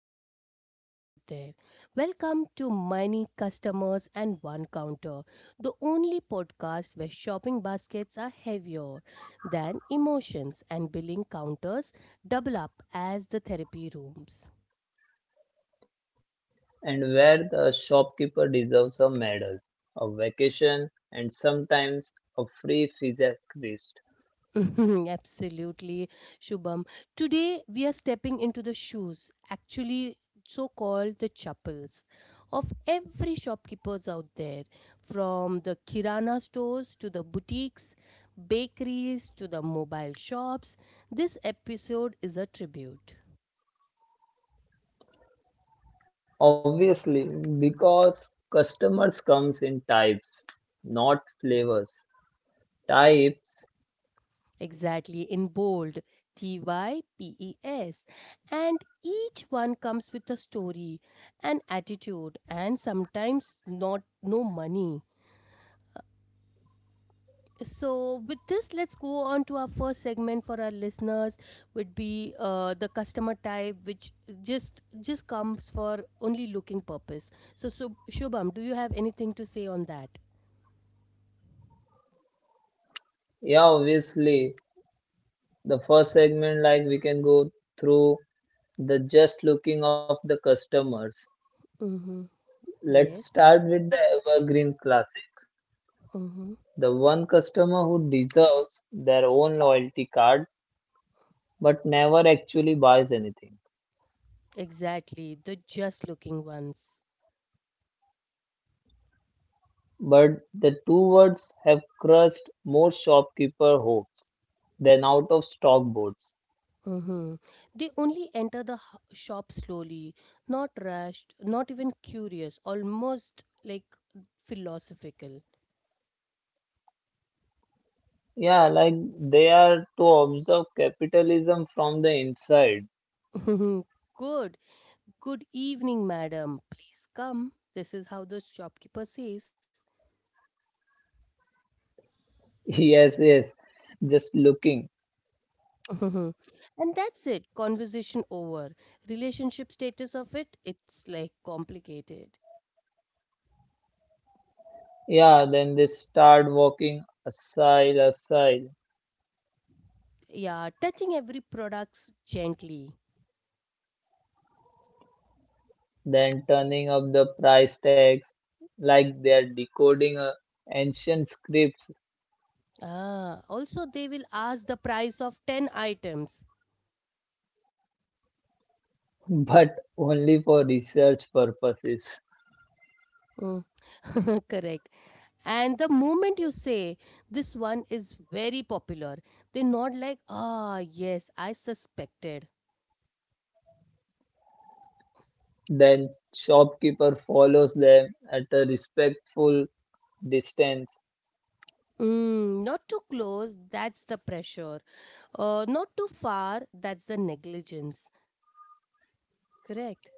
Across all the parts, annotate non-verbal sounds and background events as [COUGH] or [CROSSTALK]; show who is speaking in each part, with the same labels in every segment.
Speaker 1: the beautiful people out there. Welcome to Many Customers and One Counter, the only podcast where shopping baskets are heavier than emotions and billing counters double up as the therapy rooms.
Speaker 2: And where the shopkeeper deserves a medal, a vacation, and sometimes a free physical rest.
Speaker 1: [LAUGHS] Absolutely, Shubham. Today we are stepping into the shoes, actually so called the chapels, of every shopkeepers out there, from the kirana stores to the boutiques, bakeries to the mobile shops. This episode is a tribute.
Speaker 2: Obviously, because customers comes in types, not flavors. Types,
Speaker 1: Exactly, in bold, TYPES. And each one comes with a story, an attitude, and sometimes not no money. So, with this, let's go on to our first segment for our listeners. Would be the customer type, which just comes for only looking purpose. So, Shubham, do you have anything to say on that?
Speaker 2: yeah, obviously, the first segment like we can go through the just looking of the customers.
Speaker 1: Mm-hmm.
Speaker 2: Let's
Speaker 1: Yes.
Speaker 2: start with the evergreen classic,
Speaker 1: Mm-hmm.
Speaker 2: the one customer who deserves their own loyalty card but never actually buys anything.
Speaker 1: Exactly. The just looking ones.
Speaker 2: But the two words have crushed more shopkeeper hopes than out of stock boards.
Speaker 1: Mm-hmm. They only enter the shop slowly, not rushed, not even curious, almost like philosophical.
Speaker 2: Yeah, like they are to observe capitalism from the inside. [LAUGHS]
Speaker 1: [LAUGHS] Good. Good evening, madam. Please come. This is how the shopkeeper says.
Speaker 2: Yes, yes, just looking.
Speaker 1: [LAUGHS] And that's it. Conversation over. Relationship status of it's like complicated.
Speaker 2: Yeah, then they start walking aside, aside,
Speaker 1: Yeah, touching every products gently.
Speaker 2: then turning up the price tags like they are decoding ancient scripts,
Speaker 1: Ah, also they will ask the price of 10 items.
Speaker 2: [LAUGHS] but only for research purposes.
Speaker 1: Mm. [LAUGHS] Correct. And the moment you say this one is very popular, they nod like, ah, yes, I suspected.
Speaker 2: Then shopkeeper follows them at a respectful distance.
Speaker 1: Mm, not too close, that's the pressure. Not too far, that's the negligence. Correct.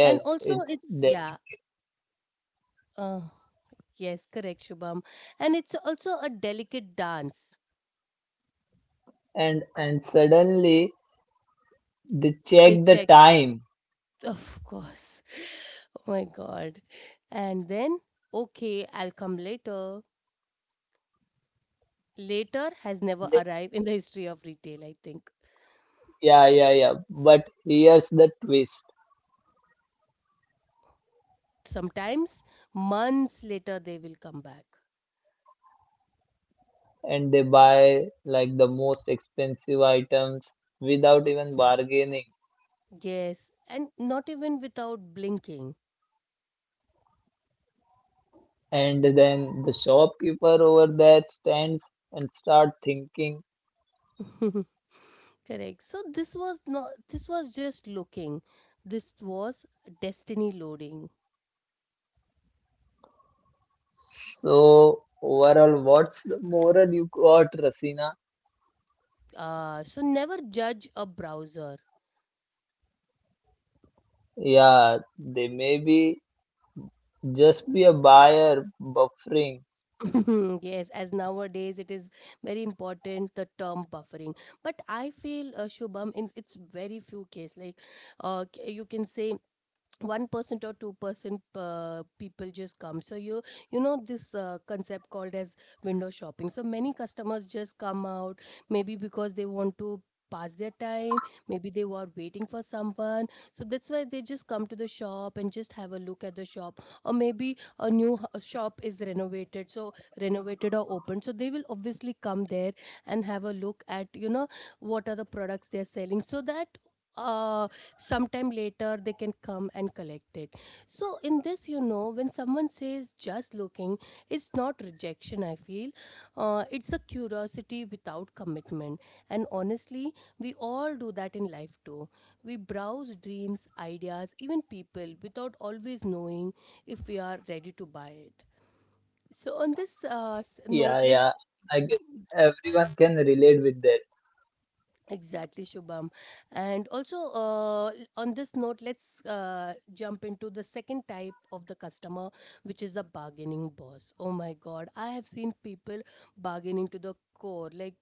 Speaker 1: And also,
Speaker 2: it's
Speaker 1: it's,
Speaker 2: there.
Speaker 1: yeah, uh, yes, correct, Shubham. And it's also a delicate dance.
Speaker 2: And suddenly they check
Speaker 1: They
Speaker 2: the
Speaker 1: check,
Speaker 2: time.
Speaker 1: of course. Oh my God. And then, okay, I'll come later. Later has never arrived in the history of retail, I think.
Speaker 2: Yeah, yeah, yeah. But here's the twist.
Speaker 1: Sometimes, months later, they will come back.
Speaker 2: And they buy like the most expensive items without
Speaker 1: Mm.
Speaker 2: even bargaining.
Speaker 1: Yes, and not even without blinking.
Speaker 2: And then the shopkeeper over there stands and start thinking.
Speaker 1: [LAUGHS] Correct. So this was not this was just looking. This was destiny loading.
Speaker 2: So overall, what's the moral you got, Rasina?
Speaker 1: Never judge a browser.
Speaker 2: Yeah, they may be just be a buyer buffering.
Speaker 1: [LAUGHS] Yes, as nowadays it is very important, the term buffering. But I feel Shubham, in it's very few case, like you can say 1% or 2%, people just come. So, you know this concept called as window shopping. So many customers just come out, maybe because they want to pass their time, maybe they were waiting for someone, so that's why they just come to the shop and just have a look at the shop. Or maybe a new shop is renovated, so renovated or opened, so they will obviously come there and have a look at, you know, what are the products they're selling, so that uh sometime later they can come and collect it. So in this, you know, when someone says just looking, it's not rejection, I feel. It's a curiosity without commitment. And honestly, we all do that in life too. We browse dreams, ideas, even people, without always knowing if we are ready to buy it. So on this note,
Speaker 2: Yeah,
Speaker 1: let's.
Speaker 2: yeah. I guess everyone can relate with that.
Speaker 1: Exactly, Shubham. And also, on this note, let's jump into the second type of the customer, which is the bargaining boss. Oh my God, I have seen people bargaining to the core. Like,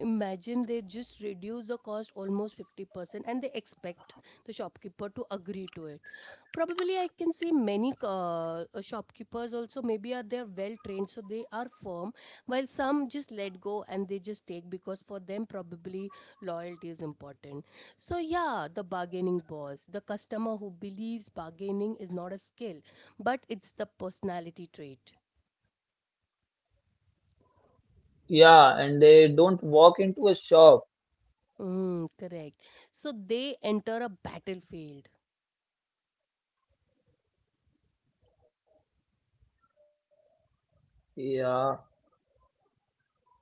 Speaker 1: imagine they just reduce the cost almost 50% and they expect the shopkeeper to agree to it. Probably, I can see many shopkeepers also, maybe are they're well trained, so they are firm, while some just let go and they just take because for them, probably loyalty is important. So, yeah, the bargaining boss, the customer who believes bargaining is not a skill, but it's the personality trait.
Speaker 2: Yeah, and they don't walk into a shop.
Speaker 1: Mm, correct. So, they enter a battlefield.
Speaker 2: Yeah.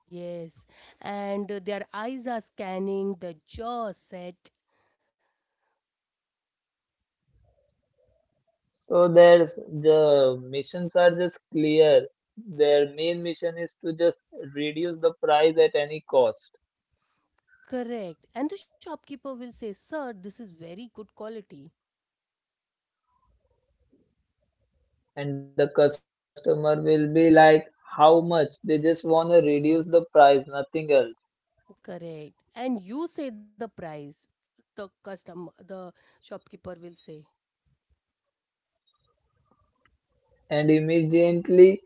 Speaker 1: Yes. And their eyes are scanning, the jaw set.
Speaker 2: So there's the missions are just clear. Their main mission is to just reduce the price at any cost.
Speaker 1: Correct. And the shopkeeper will say, Sir, this is very good quality.
Speaker 2: And the customer will be like, how much? They just want to reduce the price, nothing else.
Speaker 1: Correct. And you say the price. The shopkeeper will say,
Speaker 2: And immediately,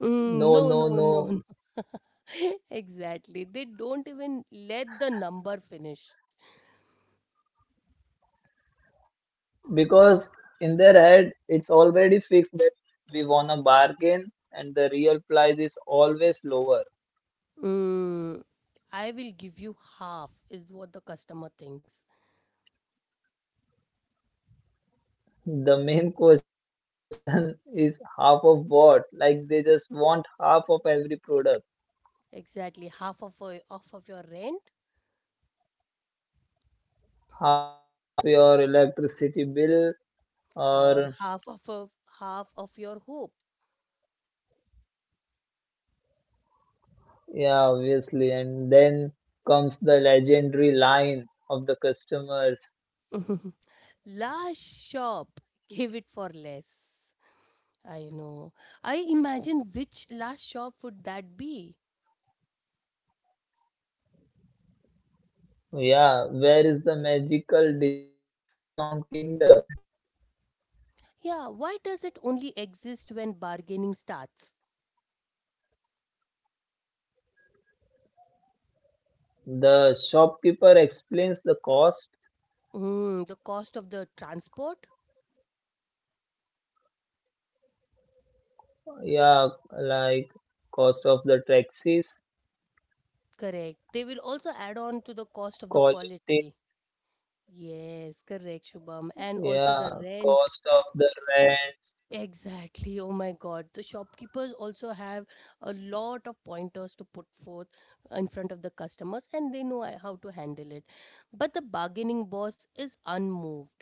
Speaker 1: Mm,
Speaker 2: no,
Speaker 1: no,
Speaker 2: no,
Speaker 1: no, no,
Speaker 2: no.
Speaker 1: no. [LAUGHS] Exactly. They don't even let the number finish.
Speaker 2: Because in their head it's already fixed that we won a bargain and the real price is always lower.
Speaker 1: Mm, I will give you half, is what the customer thinks.
Speaker 2: The main question [LAUGHS] is half of what, like they just want half of every product,
Speaker 1: Exactly. Half of, off of your rent,
Speaker 2: half of your electricity bill,
Speaker 1: or
Speaker 2: or
Speaker 1: half of half of your hope.
Speaker 2: yeah, obviously, and then comes the legendary line of the customers.
Speaker 1: [LAUGHS] Last shop, give it for less. I know. I imagine, which last shop would that be?
Speaker 2: Yeah, where is the magical discount kingdom?
Speaker 1: Yeah, why does it only exist when bargaining starts?
Speaker 2: The shopkeeper explains the cost,
Speaker 1: Mm, the cost of the transport?
Speaker 2: yeah, like cost of the taxis,
Speaker 1: Correct. They will also add on to the cost of the
Speaker 2: quality,
Speaker 1: quality. Yes, correct, Shubham. And also
Speaker 2: yeah,
Speaker 1: the rent.
Speaker 2: cost of the rents.
Speaker 1: Exactly. Oh my God. The shopkeepers also have a lot of pointers to put forth in front of the customers and they know how to handle it. But the bargaining boss is unmoved.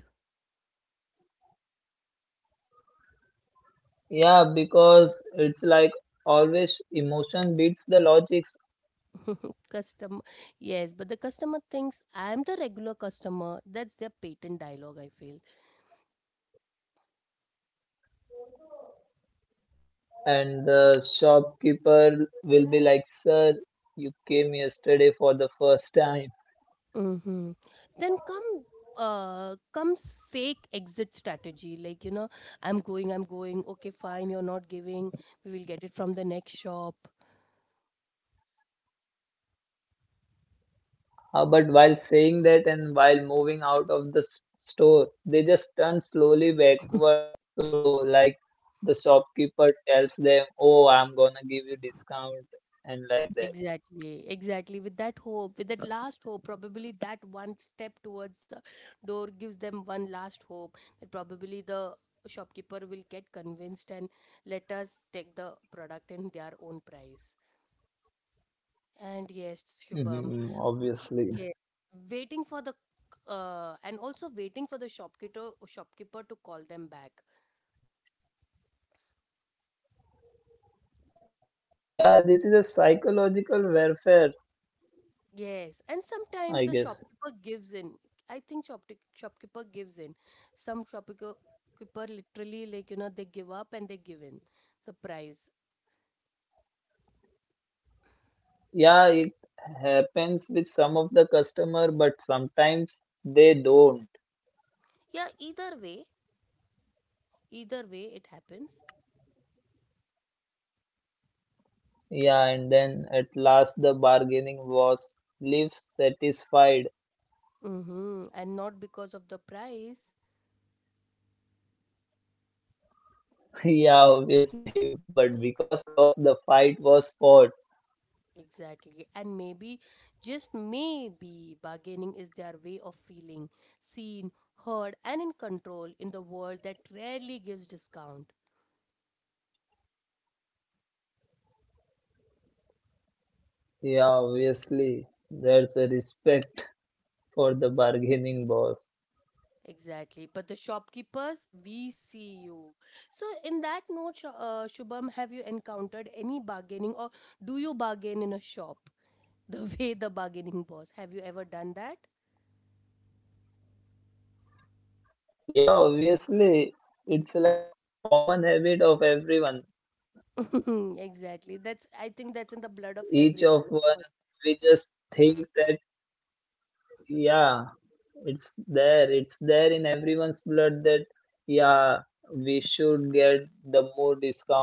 Speaker 2: Yeah, because it's like always emotion beats the logics,
Speaker 1: [LAUGHS] Customer. Yes, but the customer thinks, I am the regular customer. That's their patent dialogue, I feel.
Speaker 2: and the shopkeeper will be like, Sir, you came yesterday for the first time.
Speaker 1: Mm-hmm. Then comes fake exit strategy, like, you know, I'm going, I'm going, okay fine, you're not giving, we will get it from the next shop.
Speaker 2: But while saying that and while moving out of the s- store, they just turn slowly backward. So, like the shopkeeper tells them, "Oh, I'm gonna give you discount," and like that.
Speaker 1: Exactly, exactly, with that hope, with that last hope, probably that one step towards the door gives them one last hope that probably the shopkeeper will get convinced and let us take the product in their own price. And yes, Shubham.
Speaker 2: Hmm, obviously.
Speaker 1: Yes, waiting for the and also waiting for the shopkeeper to call them back.
Speaker 2: Yeah, this is a psychological warfare,
Speaker 1: Yes, and sometimes the
Speaker 2: I guess.
Speaker 1: shopkeeper gives in. I think shopkeeper gives in. Some shopkeeper keeper literally, like, you know, they give up and they give in the price.
Speaker 2: Yeah, it happens with some of the customer, but sometimes they don't.
Speaker 1: Yeah, either way it happens.
Speaker 2: Yeah, and then at last the bargaining was leaves satisfied.
Speaker 1: Mm-hmm. And not because of the price.
Speaker 2: [LAUGHS] Yeah, obviously, [LAUGHS] but because the fight was fought,
Speaker 1: Exactly. And maybe, just maybe, bargaining is their way of feeling seen, heard, and in control in the world that rarely gives discount.
Speaker 2: yeah, obviously, there's a respect for the bargaining boss.
Speaker 1: Exactly. But the shopkeepers, we see you. So, in that note, Shubham, have you encountered any bargaining, or do you bargain in a shop? The [LAUGHS] way the bargaining boss. Have you ever done that?
Speaker 2: Yeah, obviously, it's like common habit of everyone.
Speaker 1: [LAUGHS] Exactly. That's, I think that's in the blood of
Speaker 2: Each of
Speaker 1: everyone, of
Speaker 2: one,
Speaker 1: course.
Speaker 2: we just think that, yeah, it's there in everyone's blood that, yeah, we should get the more discount.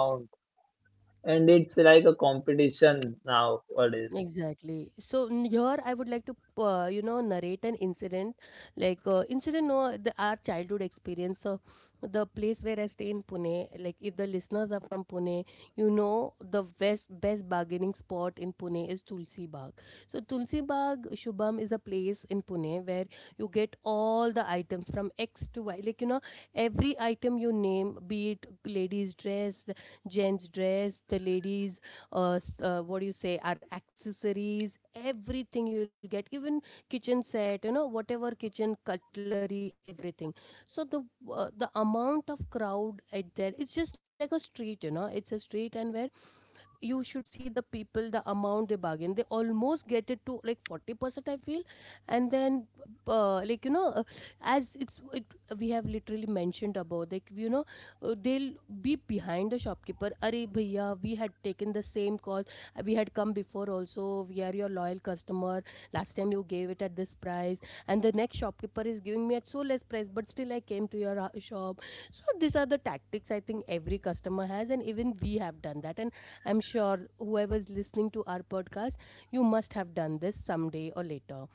Speaker 2: And it's like a competition now, nowadays.
Speaker 1: Exactly. So here I would like to, you know, narrate an incident, like incident, no, the, our childhood experience. So the place where I stay in Pune, like, if the listeners are from Pune, you know, the best bargaining spot in Pune is Tulsi Bagh. So Tulsi Bagh, Shubham, is a place in Pune where you get all the items from X to Y. Like, you know, every item you name, be it ladies' dress, gents' dress, the ladies what do you say, our accessories, everything you'll get, even kitchen set, you know, whatever kitchen cutlery, everything. So the amount of crowd at there, it's just like a street, you know, it's a street, and where you should see the people, the amount they bargain, they almost get it to like 40% I feel. And then uh, like you know uh, as it, we have literally mentioned about, like, you know, they'll be behind the shopkeeper. Arey, bhaiya, we had taken the same call. We had come before also, we are your loyal customer, last time you gave it at this price, and the next shopkeeper is giving me at so less price, but still I came to your shop. So these are the tactics, I think every customer has, and even we have done that. And I'm sure whoever's listening to our podcast, you must have done this someday or later.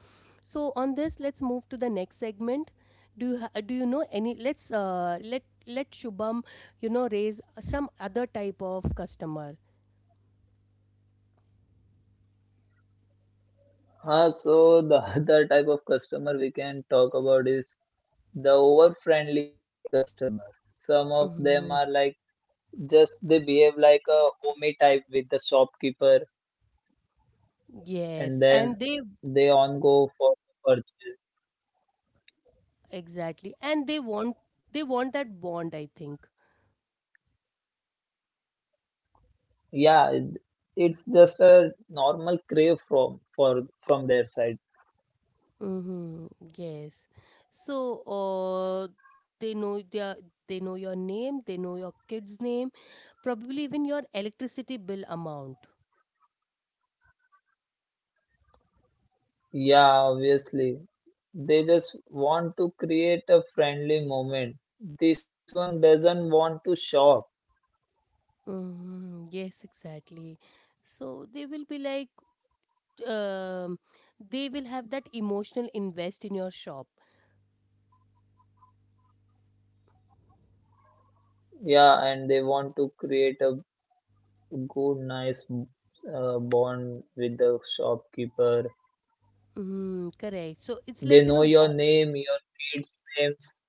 Speaker 1: So on this, let's move to the next segment. Do you know any? Let Shubham, you know, raise some other type of customer.
Speaker 2: So the [LAUGHS] other type of customer we can talk about is the over-friendly customer. Some of them are
Speaker 1: Mhm.
Speaker 2: like just they behave like a homie type with the shopkeeper,
Speaker 1: Yes,
Speaker 2: and
Speaker 1: and
Speaker 2: then
Speaker 1: they
Speaker 2: they on go for purchase.
Speaker 1: exactly, and they want that bond, I think.
Speaker 2: Yeah, it's just a normal crave from their side.
Speaker 1: Mm-hmm. Yes. So, uh, they know their they know your name, they know your kid's name, probably even your electricity bill amount.
Speaker 2: Yeah, obviously they just want to create a friendly moment. This one doesn't want to shop.
Speaker 1: Hmm, yes, exactly. So they will be like, um, they will have that emotional invest in your shop.
Speaker 2: Yeah, and they want to create a good, nice bond with the shopkeeper.
Speaker 1: Mm, correct. So it's
Speaker 2: They
Speaker 1: like, you
Speaker 2: know
Speaker 1: know,
Speaker 2: your name, your kids' names.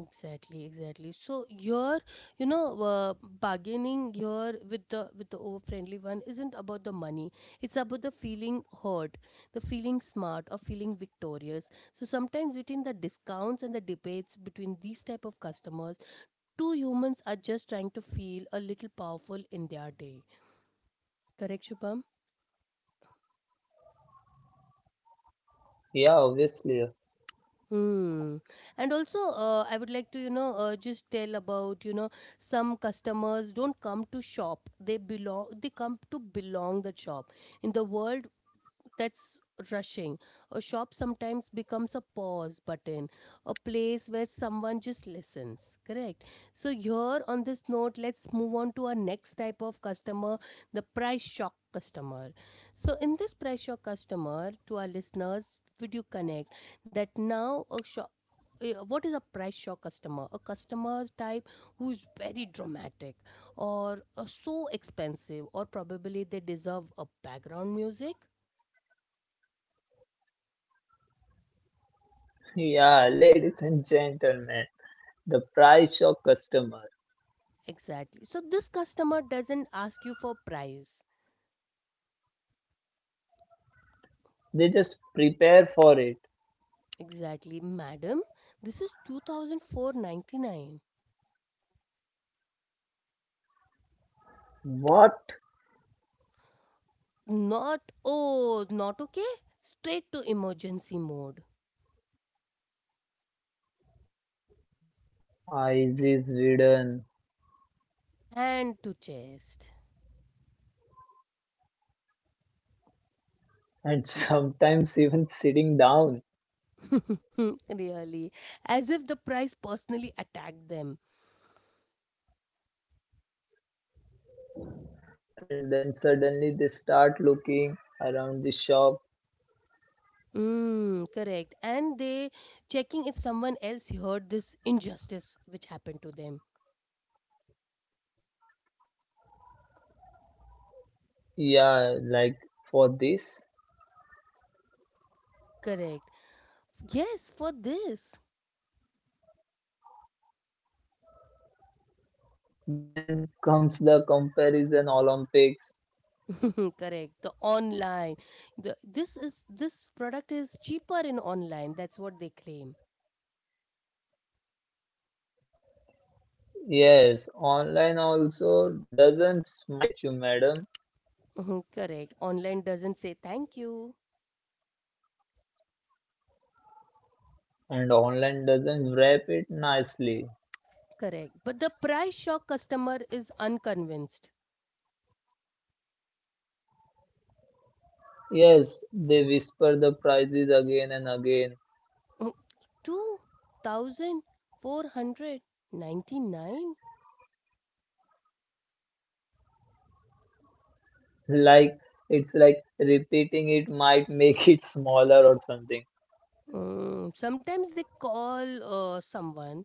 Speaker 1: exactly, exactly. So your, you know, bargaining here with the over friendly one isn't about the money. It's about the feeling heard, the feeling smart, or feeling victorious. So sometimes, between the discounts and the debates between these type of customers, two humans are just trying to feel a little powerful in their day. Correct, Shubham?
Speaker 2: Yeah, obviously. [LAUGHS]
Speaker 1: Hmm. And also, I would like to, you know, just tell about, you know, some customers don't come to shop. They belong. They come to belong the shop. In the world that's rushing, a shop sometimes becomes a pause button, a place where someone just listens. Correct. So here, on this note, let's move on to our next type of customer, the price shock customer. So in this price shock customer, to our listeners, would you connect that now a shop what is a price shock customer? A customer type who is very dramatic or so expensive, or probably they deserve a background music.
Speaker 2: Yeah, ladies and gentlemen, the price of customer.
Speaker 1: Exactly. So this customer doesn't ask you for price.
Speaker 2: They just prepare for it.
Speaker 1: Exactly. Madam, this is two thousand four ninety nine.
Speaker 2: What?
Speaker 1: Not oh, not okay. Straight to emergency mode.
Speaker 2: Eyes is hidden,
Speaker 1: Hand to chest.
Speaker 2: and [LAUGHS] sometimes even sitting down.
Speaker 1: [LAUGHS] Really. As if the price personally attacked them.
Speaker 2: And then suddenly they start looking around the shop.
Speaker 1: Correct. And they checking if someone else heard this injustice which happened to them.
Speaker 2: Yeah, like for this.
Speaker 1: Correct. Yes, for this.
Speaker 2: Then comes the comparison Olympics.
Speaker 1: [LAUGHS] Correct. The online. The this is This product is cheaper in online. That's what they claim. [LAUGHS]
Speaker 2: Yes, online also doesn't smile at you, madam,
Speaker 1: Mhm. Correct. Online doesn't say thank you.
Speaker 2: and online doesn't wrap it nicely.
Speaker 1: Correct. But the price shock customer is unconvinced.
Speaker 2: Yes, they whisper the prices again and again.
Speaker 1: [LAUGHS] 2499.
Speaker 2: Like it's like repeating it might make it smaller or something.
Speaker 1: Sometimes they call someone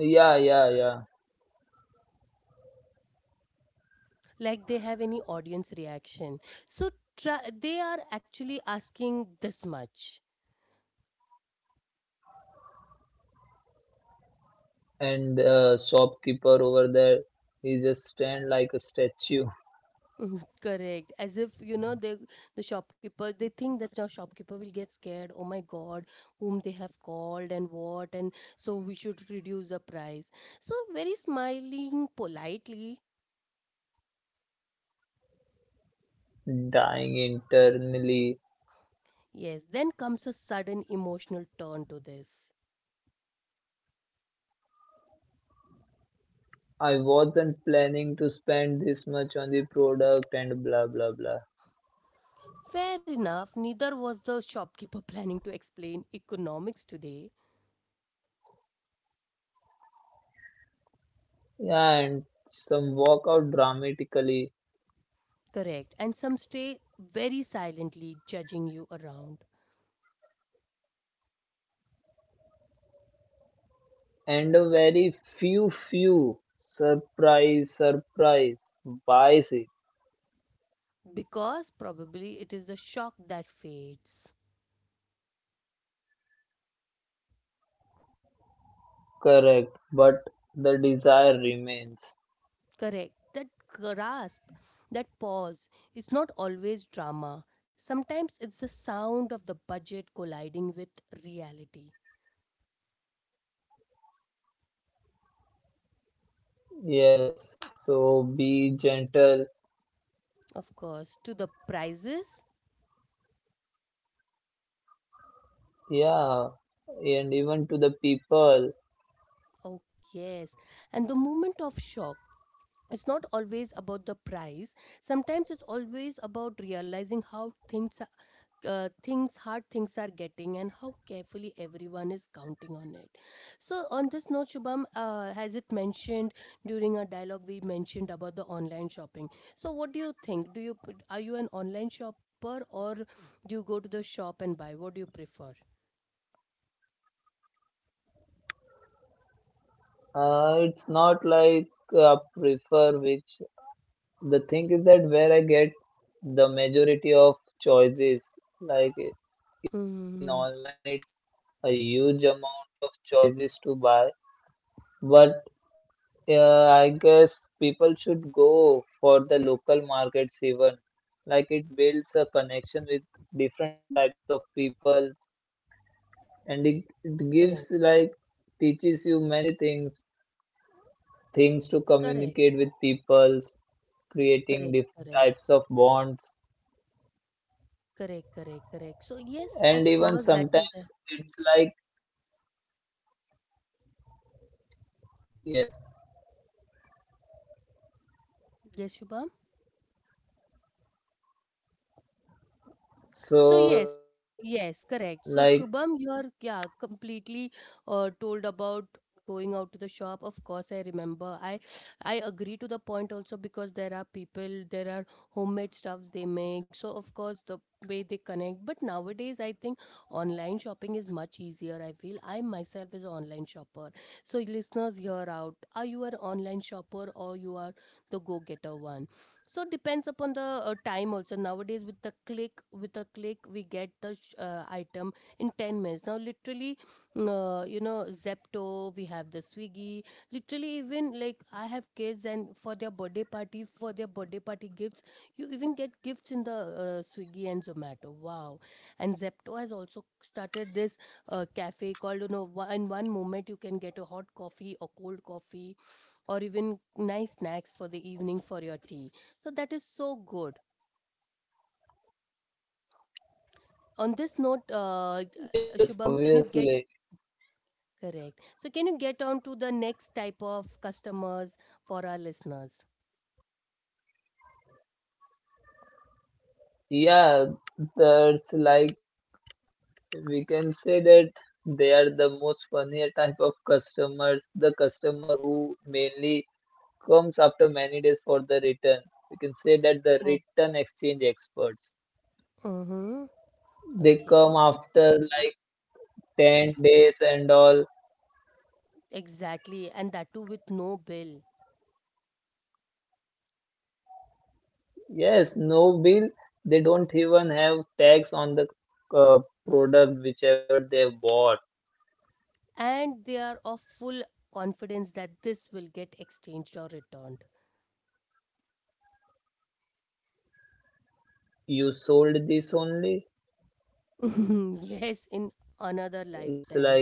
Speaker 2: Yeah, yeah, yeah.
Speaker 1: like they have any audience reaction, so they are actually asking this much.
Speaker 2: And shopkeeper over there, he just stand like a statue,
Speaker 1: Mhm. Correct. As if, you know, the shopkeeper, they think that the shopkeeper will get scared. Oh my God, whom they have called and what, and so we should reduce the price. So, very smiling, politely.
Speaker 2: [LAUGHS] dying internally.
Speaker 1: Yes, then comes a sudden emotional turn to this.
Speaker 2: I wasn't planning to spend this much on the product and blah blah blah.
Speaker 1: Fair enough, neither was the shopkeeper [LAUGHS] planning to explain economics today.
Speaker 2: Yeah, and some walk out dramatically,
Speaker 1: Correct. And some stay very silently judging you around,
Speaker 2: and a very few, few surprise, buys it.
Speaker 1: because probably it is the shock that fades.
Speaker 2: Correct, but the desire remains.
Speaker 1: Correct. That grasp, that pause, it's not always drama. Sometimes it's the sound of the budget colliding with reality.
Speaker 2: Yes, so be gentle.
Speaker 1: Of course, to the prices.
Speaker 2: Yeah, and even to the people,
Speaker 1: Oh, yes. And the moment of shock. It's not always about the price. Sometimes it's always about realizing how things are, things hard things are getting, and how carefully everyone is counting on it. So on this note, Shubham, has it mentioned, during our dialogue we mentioned about the online shopping, so what do you think? Do you are you an online shopper, or do you go to the shop and buy? What do you prefer?
Speaker 2: it's not like I prefer which. The thing is that where I get the majority of choices, like in
Speaker 1: Mm-hmm.
Speaker 2: online, it's a huge amount of choices to buy. But I guess people should go for the local markets even. Like it builds a connection with different types of people, and it gives
Speaker 1: Correct,
Speaker 2: like teaches you many things, things to
Speaker 1: correct,
Speaker 2: communicate with peoples, creating
Speaker 1: correct,
Speaker 2: different types
Speaker 1: correct,
Speaker 2: of bonds,
Speaker 1: correct, correct, correct. So yes,
Speaker 2: and
Speaker 1: of
Speaker 2: even
Speaker 1: course, that is.
Speaker 2: sometimes it's like yes,
Speaker 1: Yes, Shubham. So
Speaker 2: so
Speaker 1: yes, yes,
Speaker 2: like
Speaker 1: correct. So Shubham, you're, yeah, completely told about going out to the shop. Of course, I remember. I agree to the point also, because there are people, there are homemade stuffs they make. So of course the way they connect. But nowadays, I think online shopping is much easier. I feel I myself is an online shopper. So listeners, hear out. Are you an online shopper, or you are the go getter one? So depends upon the time also. Nowadays, with a click we get the item in 10 minutes now, literally. You know, Zepto, we have the Swiggy. Literally, even, like, I have kids, and for their birthday party, gifts, you even get gifts in the Swiggy and Zomato. Wow. And Zepto has also started this cafe, called, you know, in one moment you can get a hot coffee or cold coffee, or even nice snacks for the evening for your tea. So that is so good. On this note,
Speaker 2: yes,
Speaker 1: Shubham, can you
Speaker 2: obviously,
Speaker 1: get, correct? So can you get on to the next type of customers for our listeners?
Speaker 2: yeah, that's like we can say that they are the most funnier type of customers, the customer who mainly comes after many days for the return. We can say that the return exchange experts,
Speaker 1: Mm-hmm.
Speaker 2: they
Speaker 1: Okay.
Speaker 2: come after like 10 days and all.
Speaker 1: Exactly. And that too with no bill.
Speaker 2: Yes, no bill. They don't even have tax on the uh, product, whichever they bought.
Speaker 1: And they are of full confidence that this will get exchanged or returned.
Speaker 2: You sold this only.
Speaker 1: [LAUGHS] Yes, in another
Speaker 2: It's like,
Speaker 1: lifetime.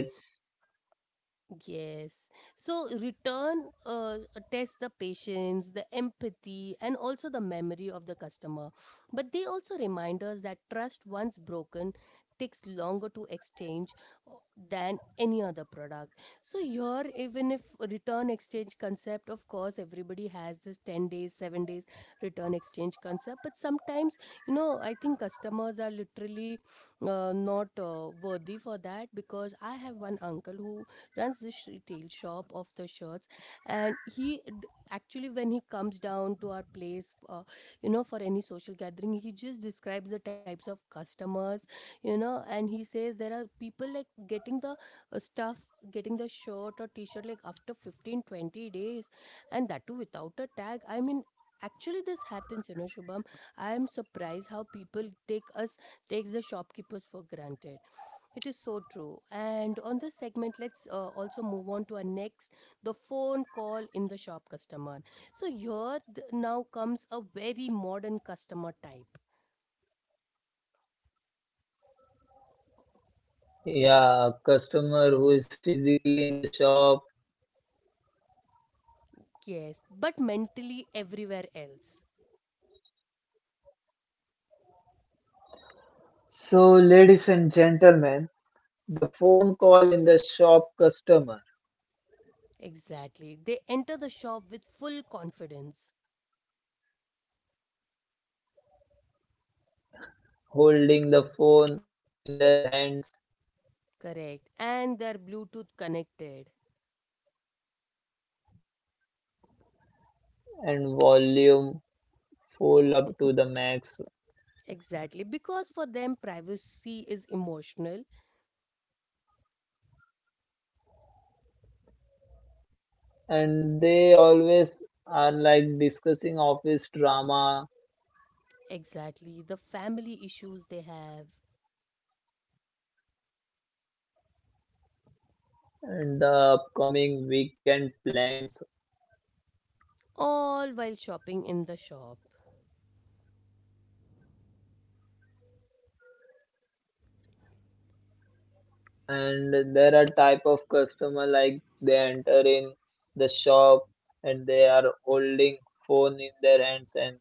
Speaker 1: Yes. So return tests the patience, the empathy, and also the memory of the customer. But they also remind us that trust, once broken, takes longer to exchange uh, than any other product. So here, even if return exchange concept, of course, everybody has this 10 days, 7 days return exchange concept. But sometimes, you know, I think customers are literally not worthy for that, because I have one uncle who runs this retail shop of the shirts, and he actually, when he comes down to our place, you know, for any social gathering, he just describes the types of customers, you know, and he says there are people like getting the stuff getting the shirt or t-shirt like after 15-20 days, and that too without a tag. I mean, actually this happens, you know, Shubham. I am surprised how people takes the shopkeepers for granted. It is so true. And on this segment, let's also move on to our next, the phone call in the shop customer. So, here now comes a very modern customer type.
Speaker 2: yeah, customer who is physically in the shop.
Speaker 1: Yes, but mentally everywhere else.
Speaker 2: So, ladies and gentlemen, the phone call in the shop customer,
Speaker 1: Exactly. They enter the shop with full confidence.
Speaker 2: holding the phone in their hands
Speaker 1: Correct. And they're Bluetooth connected.
Speaker 2: and volume full up to the max.
Speaker 1: Exactly. Because for them, privacy is emotional.
Speaker 2: And they always are like discussing office drama
Speaker 1: Exactly. The family issues they have,
Speaker 2: and the upcoming weekend plans,
Speaker 1: all while shopping in the shop.
Speaker 2: and there are type of customer like they enter in the shop, and they are holding phone in their hands and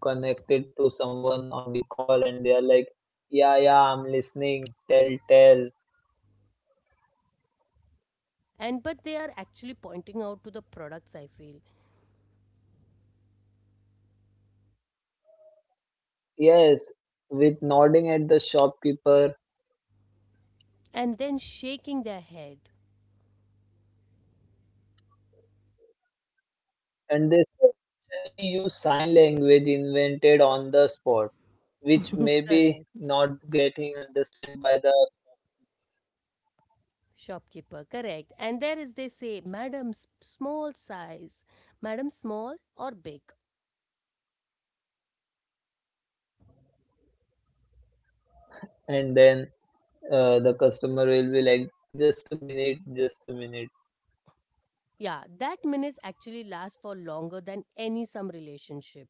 Speaker 2: connected to someone on the call, and they are like, yeah yeah, I'm listening, tell tell.
Speaker 1: And but they are actually pointing out to the products, I feel.
Speaker 2: Yes, with nodding at the shopkeeper,
Speaker 1: And then shaking their head.
Speaker 2: and they especially use sign language invented on the spot, which may
Speaker 1: [LAUGHS]
Speaker 2: be
Speaker 1: Correct.
Speaker 2: not getting understood by the.
Speaker 1: Shopkeeper, correct. And there is, they say, madam, small size, madam, small or big.
Speaker 2: And then the customer will be like, just a minute, just a minute.
Speaker 1: Yeah, that minutes actually last for longer than any some relationship.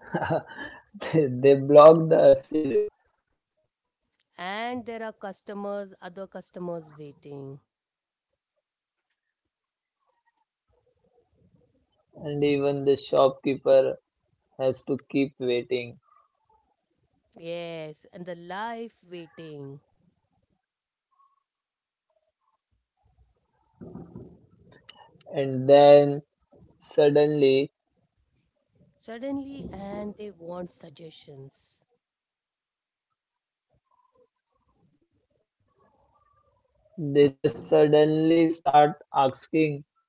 Speaker 2: [LAUGHS] They block the seal,
Speaker 1: And there are customers other customers waiting.
Speaker 2: and even the shopkeeper has to keep waiting.
Speaker 1: Yes, and the life waiting.
Speaker 2: And then suddenly,
Speaker 1: Suddenly, and they want suggestions,
Speaker 2: they just suddenly start asking,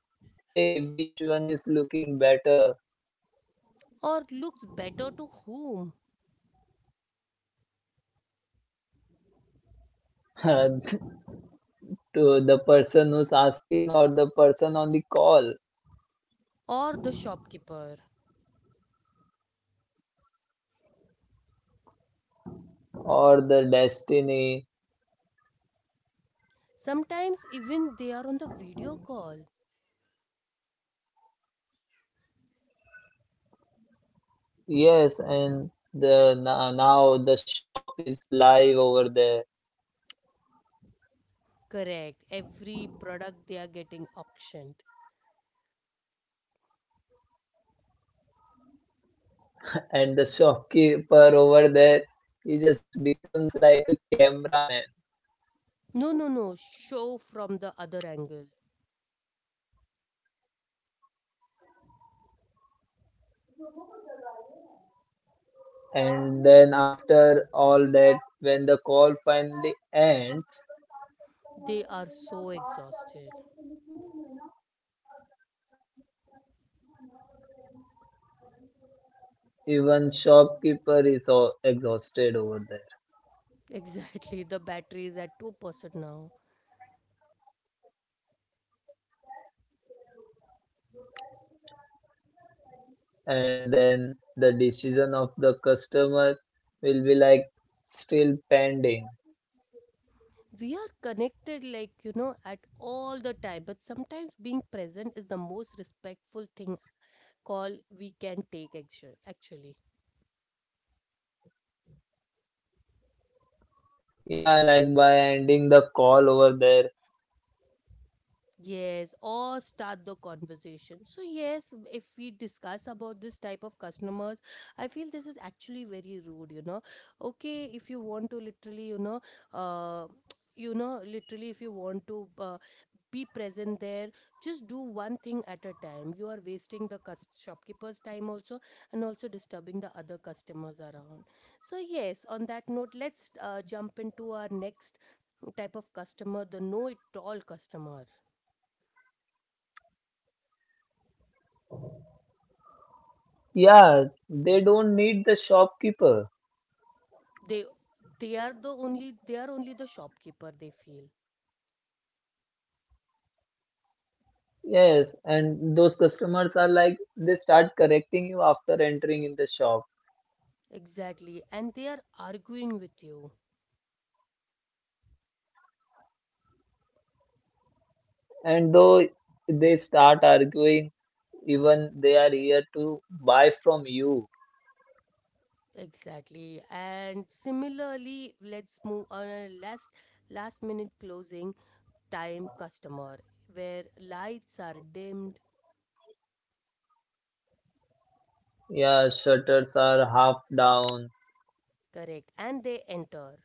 Speaker 2: hey, which one is looking better?
Speaker 1: or looks better to whom,
Speaker 2: [LAUGHS] To the person who's asking, or the person on the call,
Speaker 1: or the shopkeeper.
Speaker 2: or the destiny.
Speaker 1: Sometimes even they are on the video call.
Speaker 2: Yes, and the now the shop is live over there.
Speaker 1: Correct. Every product they are getting auctioned.
Speaker 2: And the shopkeeper over there, he just becomes like a cameraman.
Speaker 1: No, no, no. Show from the other angle.
Speaker 2: And then after all that, when the call finally ends,
Speaker 1: They are so exhausted. [LAUGHS]
Speaker 2: even shopkeeper is all exhausted over there,
Speaker 1: Exactly. The battery is at 2% now.
Speaker 2: and then the decision of the customer will be like still pending.
Speaker 1: We are connected, like, you know, at all the time. But sometimes being present is the most respectful thing call we can take, actually.
Speaker 2: Yeah, like by ending the call over there.
Speaker 1: Yes, or start the conversation. So, yes, if we discuss about this type of customers, I feel this is actually very rude, you know. Okay, if you want to literally, you know, uh, literally, if you want to be present there, just do one thing at a time. You are wasting the shopkeeper's time also, and also disturbing the other customers around. So, yes, on that note, let's jump into our next type of customer, the know it all customer.
Speaker 2: Yeah, they don't need the shopkeeper.
Speaker 1: they they are the only, they are only the shopkeeper, they feel.
Speaker 2: Yes, and those customers are like they start correcting you after entering in the shop.
Speaker 1: Exactly, and they are arguing with you.
Speaker 2: And though they start arguing, even they are here to buy from you.
Speaker 1: Exactly, and similarly, let's move on a last minute closing time customer, where lights are dimmed.
Speaker 2: Yeah, shutters are half down,
Speaker 1: Correct, and they enter.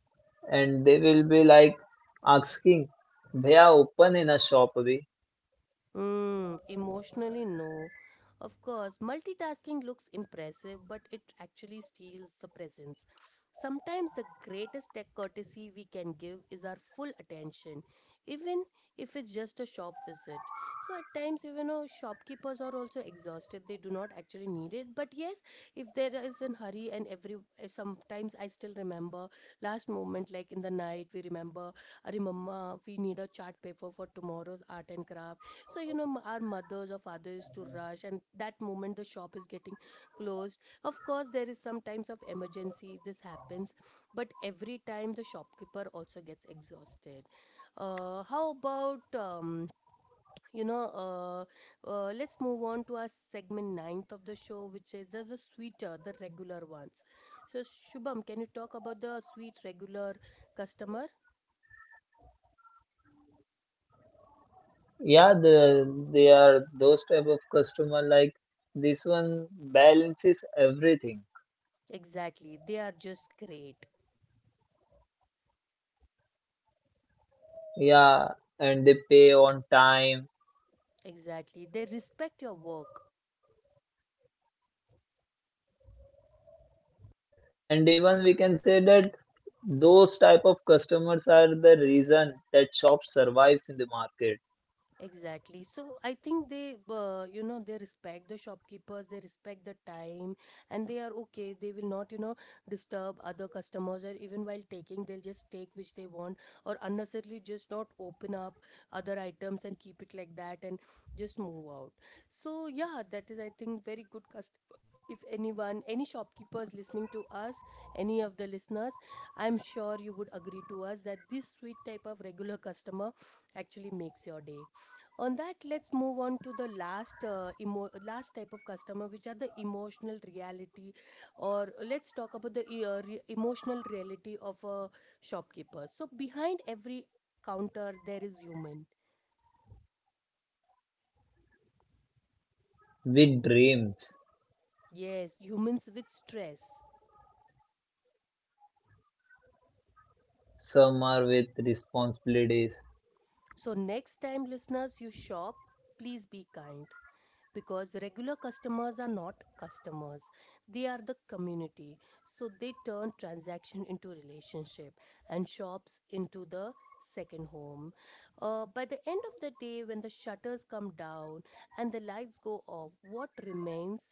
Speaker 2: and they will be like asking, "Bhaiya, open in a shop abhi."
Speaker 1: Emotionally, no. Of course, multitasking looks impressive, but it actually steals the presence. Sometimes the greatest tech courtesy we can give is our full attention, even if it's just a shop visit. So at times, even though shopkeepers are also exhausted, they do not actually need it. But yes, if there is an hurry, and every sometimes I still remember last moment, like in the night, we remember, I remember we need a chart paper for tomorrow's art and craft, so you know, our mothers or fathers to rush, and that moment the shop is getting closed. Of course, there is some times of emergency this happens, but every time the shopkeeper also gets exhausted. How about you know uh, let's move on to our segment ninth of the show, which is the sweeter, the regular ones. So Shubham, can you talk about the sweet regular customer?
Speaker 2: Yeah, the, they are those type of customer like this one balances everything.
Speaker 1: Exactly, they are just great.
Speaker 2: Yeah, and they pay on time,
Speaker 1: Exactly, they respect your work.
Speaker 2: and even we can say that those type of customers are the reason that shop survives in the market,
Speaker 1: Exactly. So I think they respect the shopkeepers, they respect the time, and they are okay. They will not disturb other customers, or even while taking, they'll just take which they want, or unnecessarily just not open up other items and keep it like that, and just move out. So, yeah, that is, I think, very good customer. If anyone, any shopkeepers listening to us, any of the listeners, I'm sure you would agree to us that this sweet type of regular customer actually makes your day. On that, let's move on to the last last type of customer, which are the emotional reality, or let's talk about the emotional reality of a shopkeeper. So behind every counter, there is human.
Speaker 2: with dreams,
Speaker 1: Yes, humans with stress.
Speaker 2: some are with responsibilities,
Speaker 1: So, next time, listeners, you shop, please be kind, because regular customers are not customers, they are the community. So they turn transaction into relationship, and shops into the second home. By the end of the day, when the shutters come down and the lights go off, what remains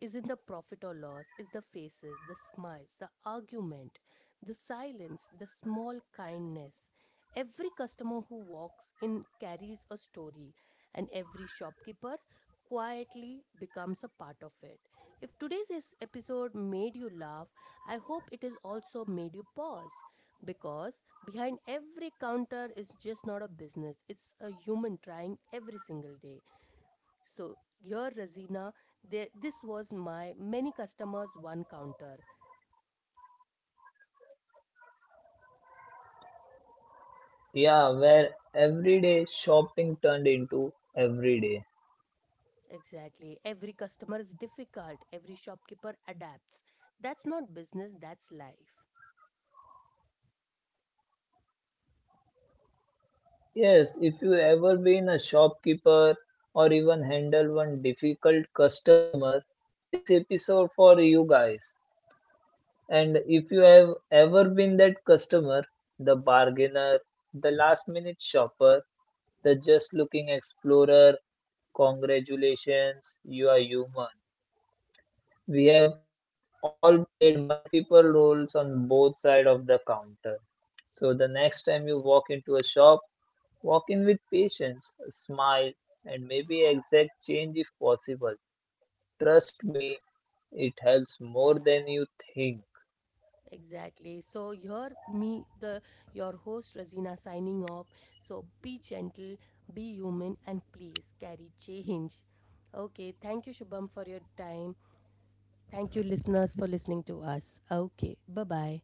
Speaker 1: isn't the profit or loss. Is the faces, the smiles, the argument, the silence, the small kindness. Every customer who walks in carries a story, and every shopkeeper quietly becomes a part of it. If today's episode made you laugh, I hope it has also made you pause, because behind every counter is just not a business, it's a human trying every single day. So here, Razina, there, this was my many customers, one counter.
Speaker 2: yeah, where everyday shopping turned into everyday.
Speaker 1: Exactly. Every customer is difficult. Every shopkeeper adapts. That's not business, that's life.
Speaker 2: Yes, if you ever been a shopkeeper or even handle one difficult customer, this episode for you guys. And if you have ever been that customer, the bargainer, the last minute shopper, the just looking explorer, congratulations, you are human. We have all played multiple roles on both sides of the counter. So the next time you walk into a shop, walk in with patience, a smile, and maybe exact change if possible. Trust me, it helps more than you think.
Speaker 1: Exactly. So here me the your host Razina signing off. So be gentle, be human, and please carry change. Okay, thank you Shubham for your time. Thank you listeners for listening to us. Okay. Bye-bye.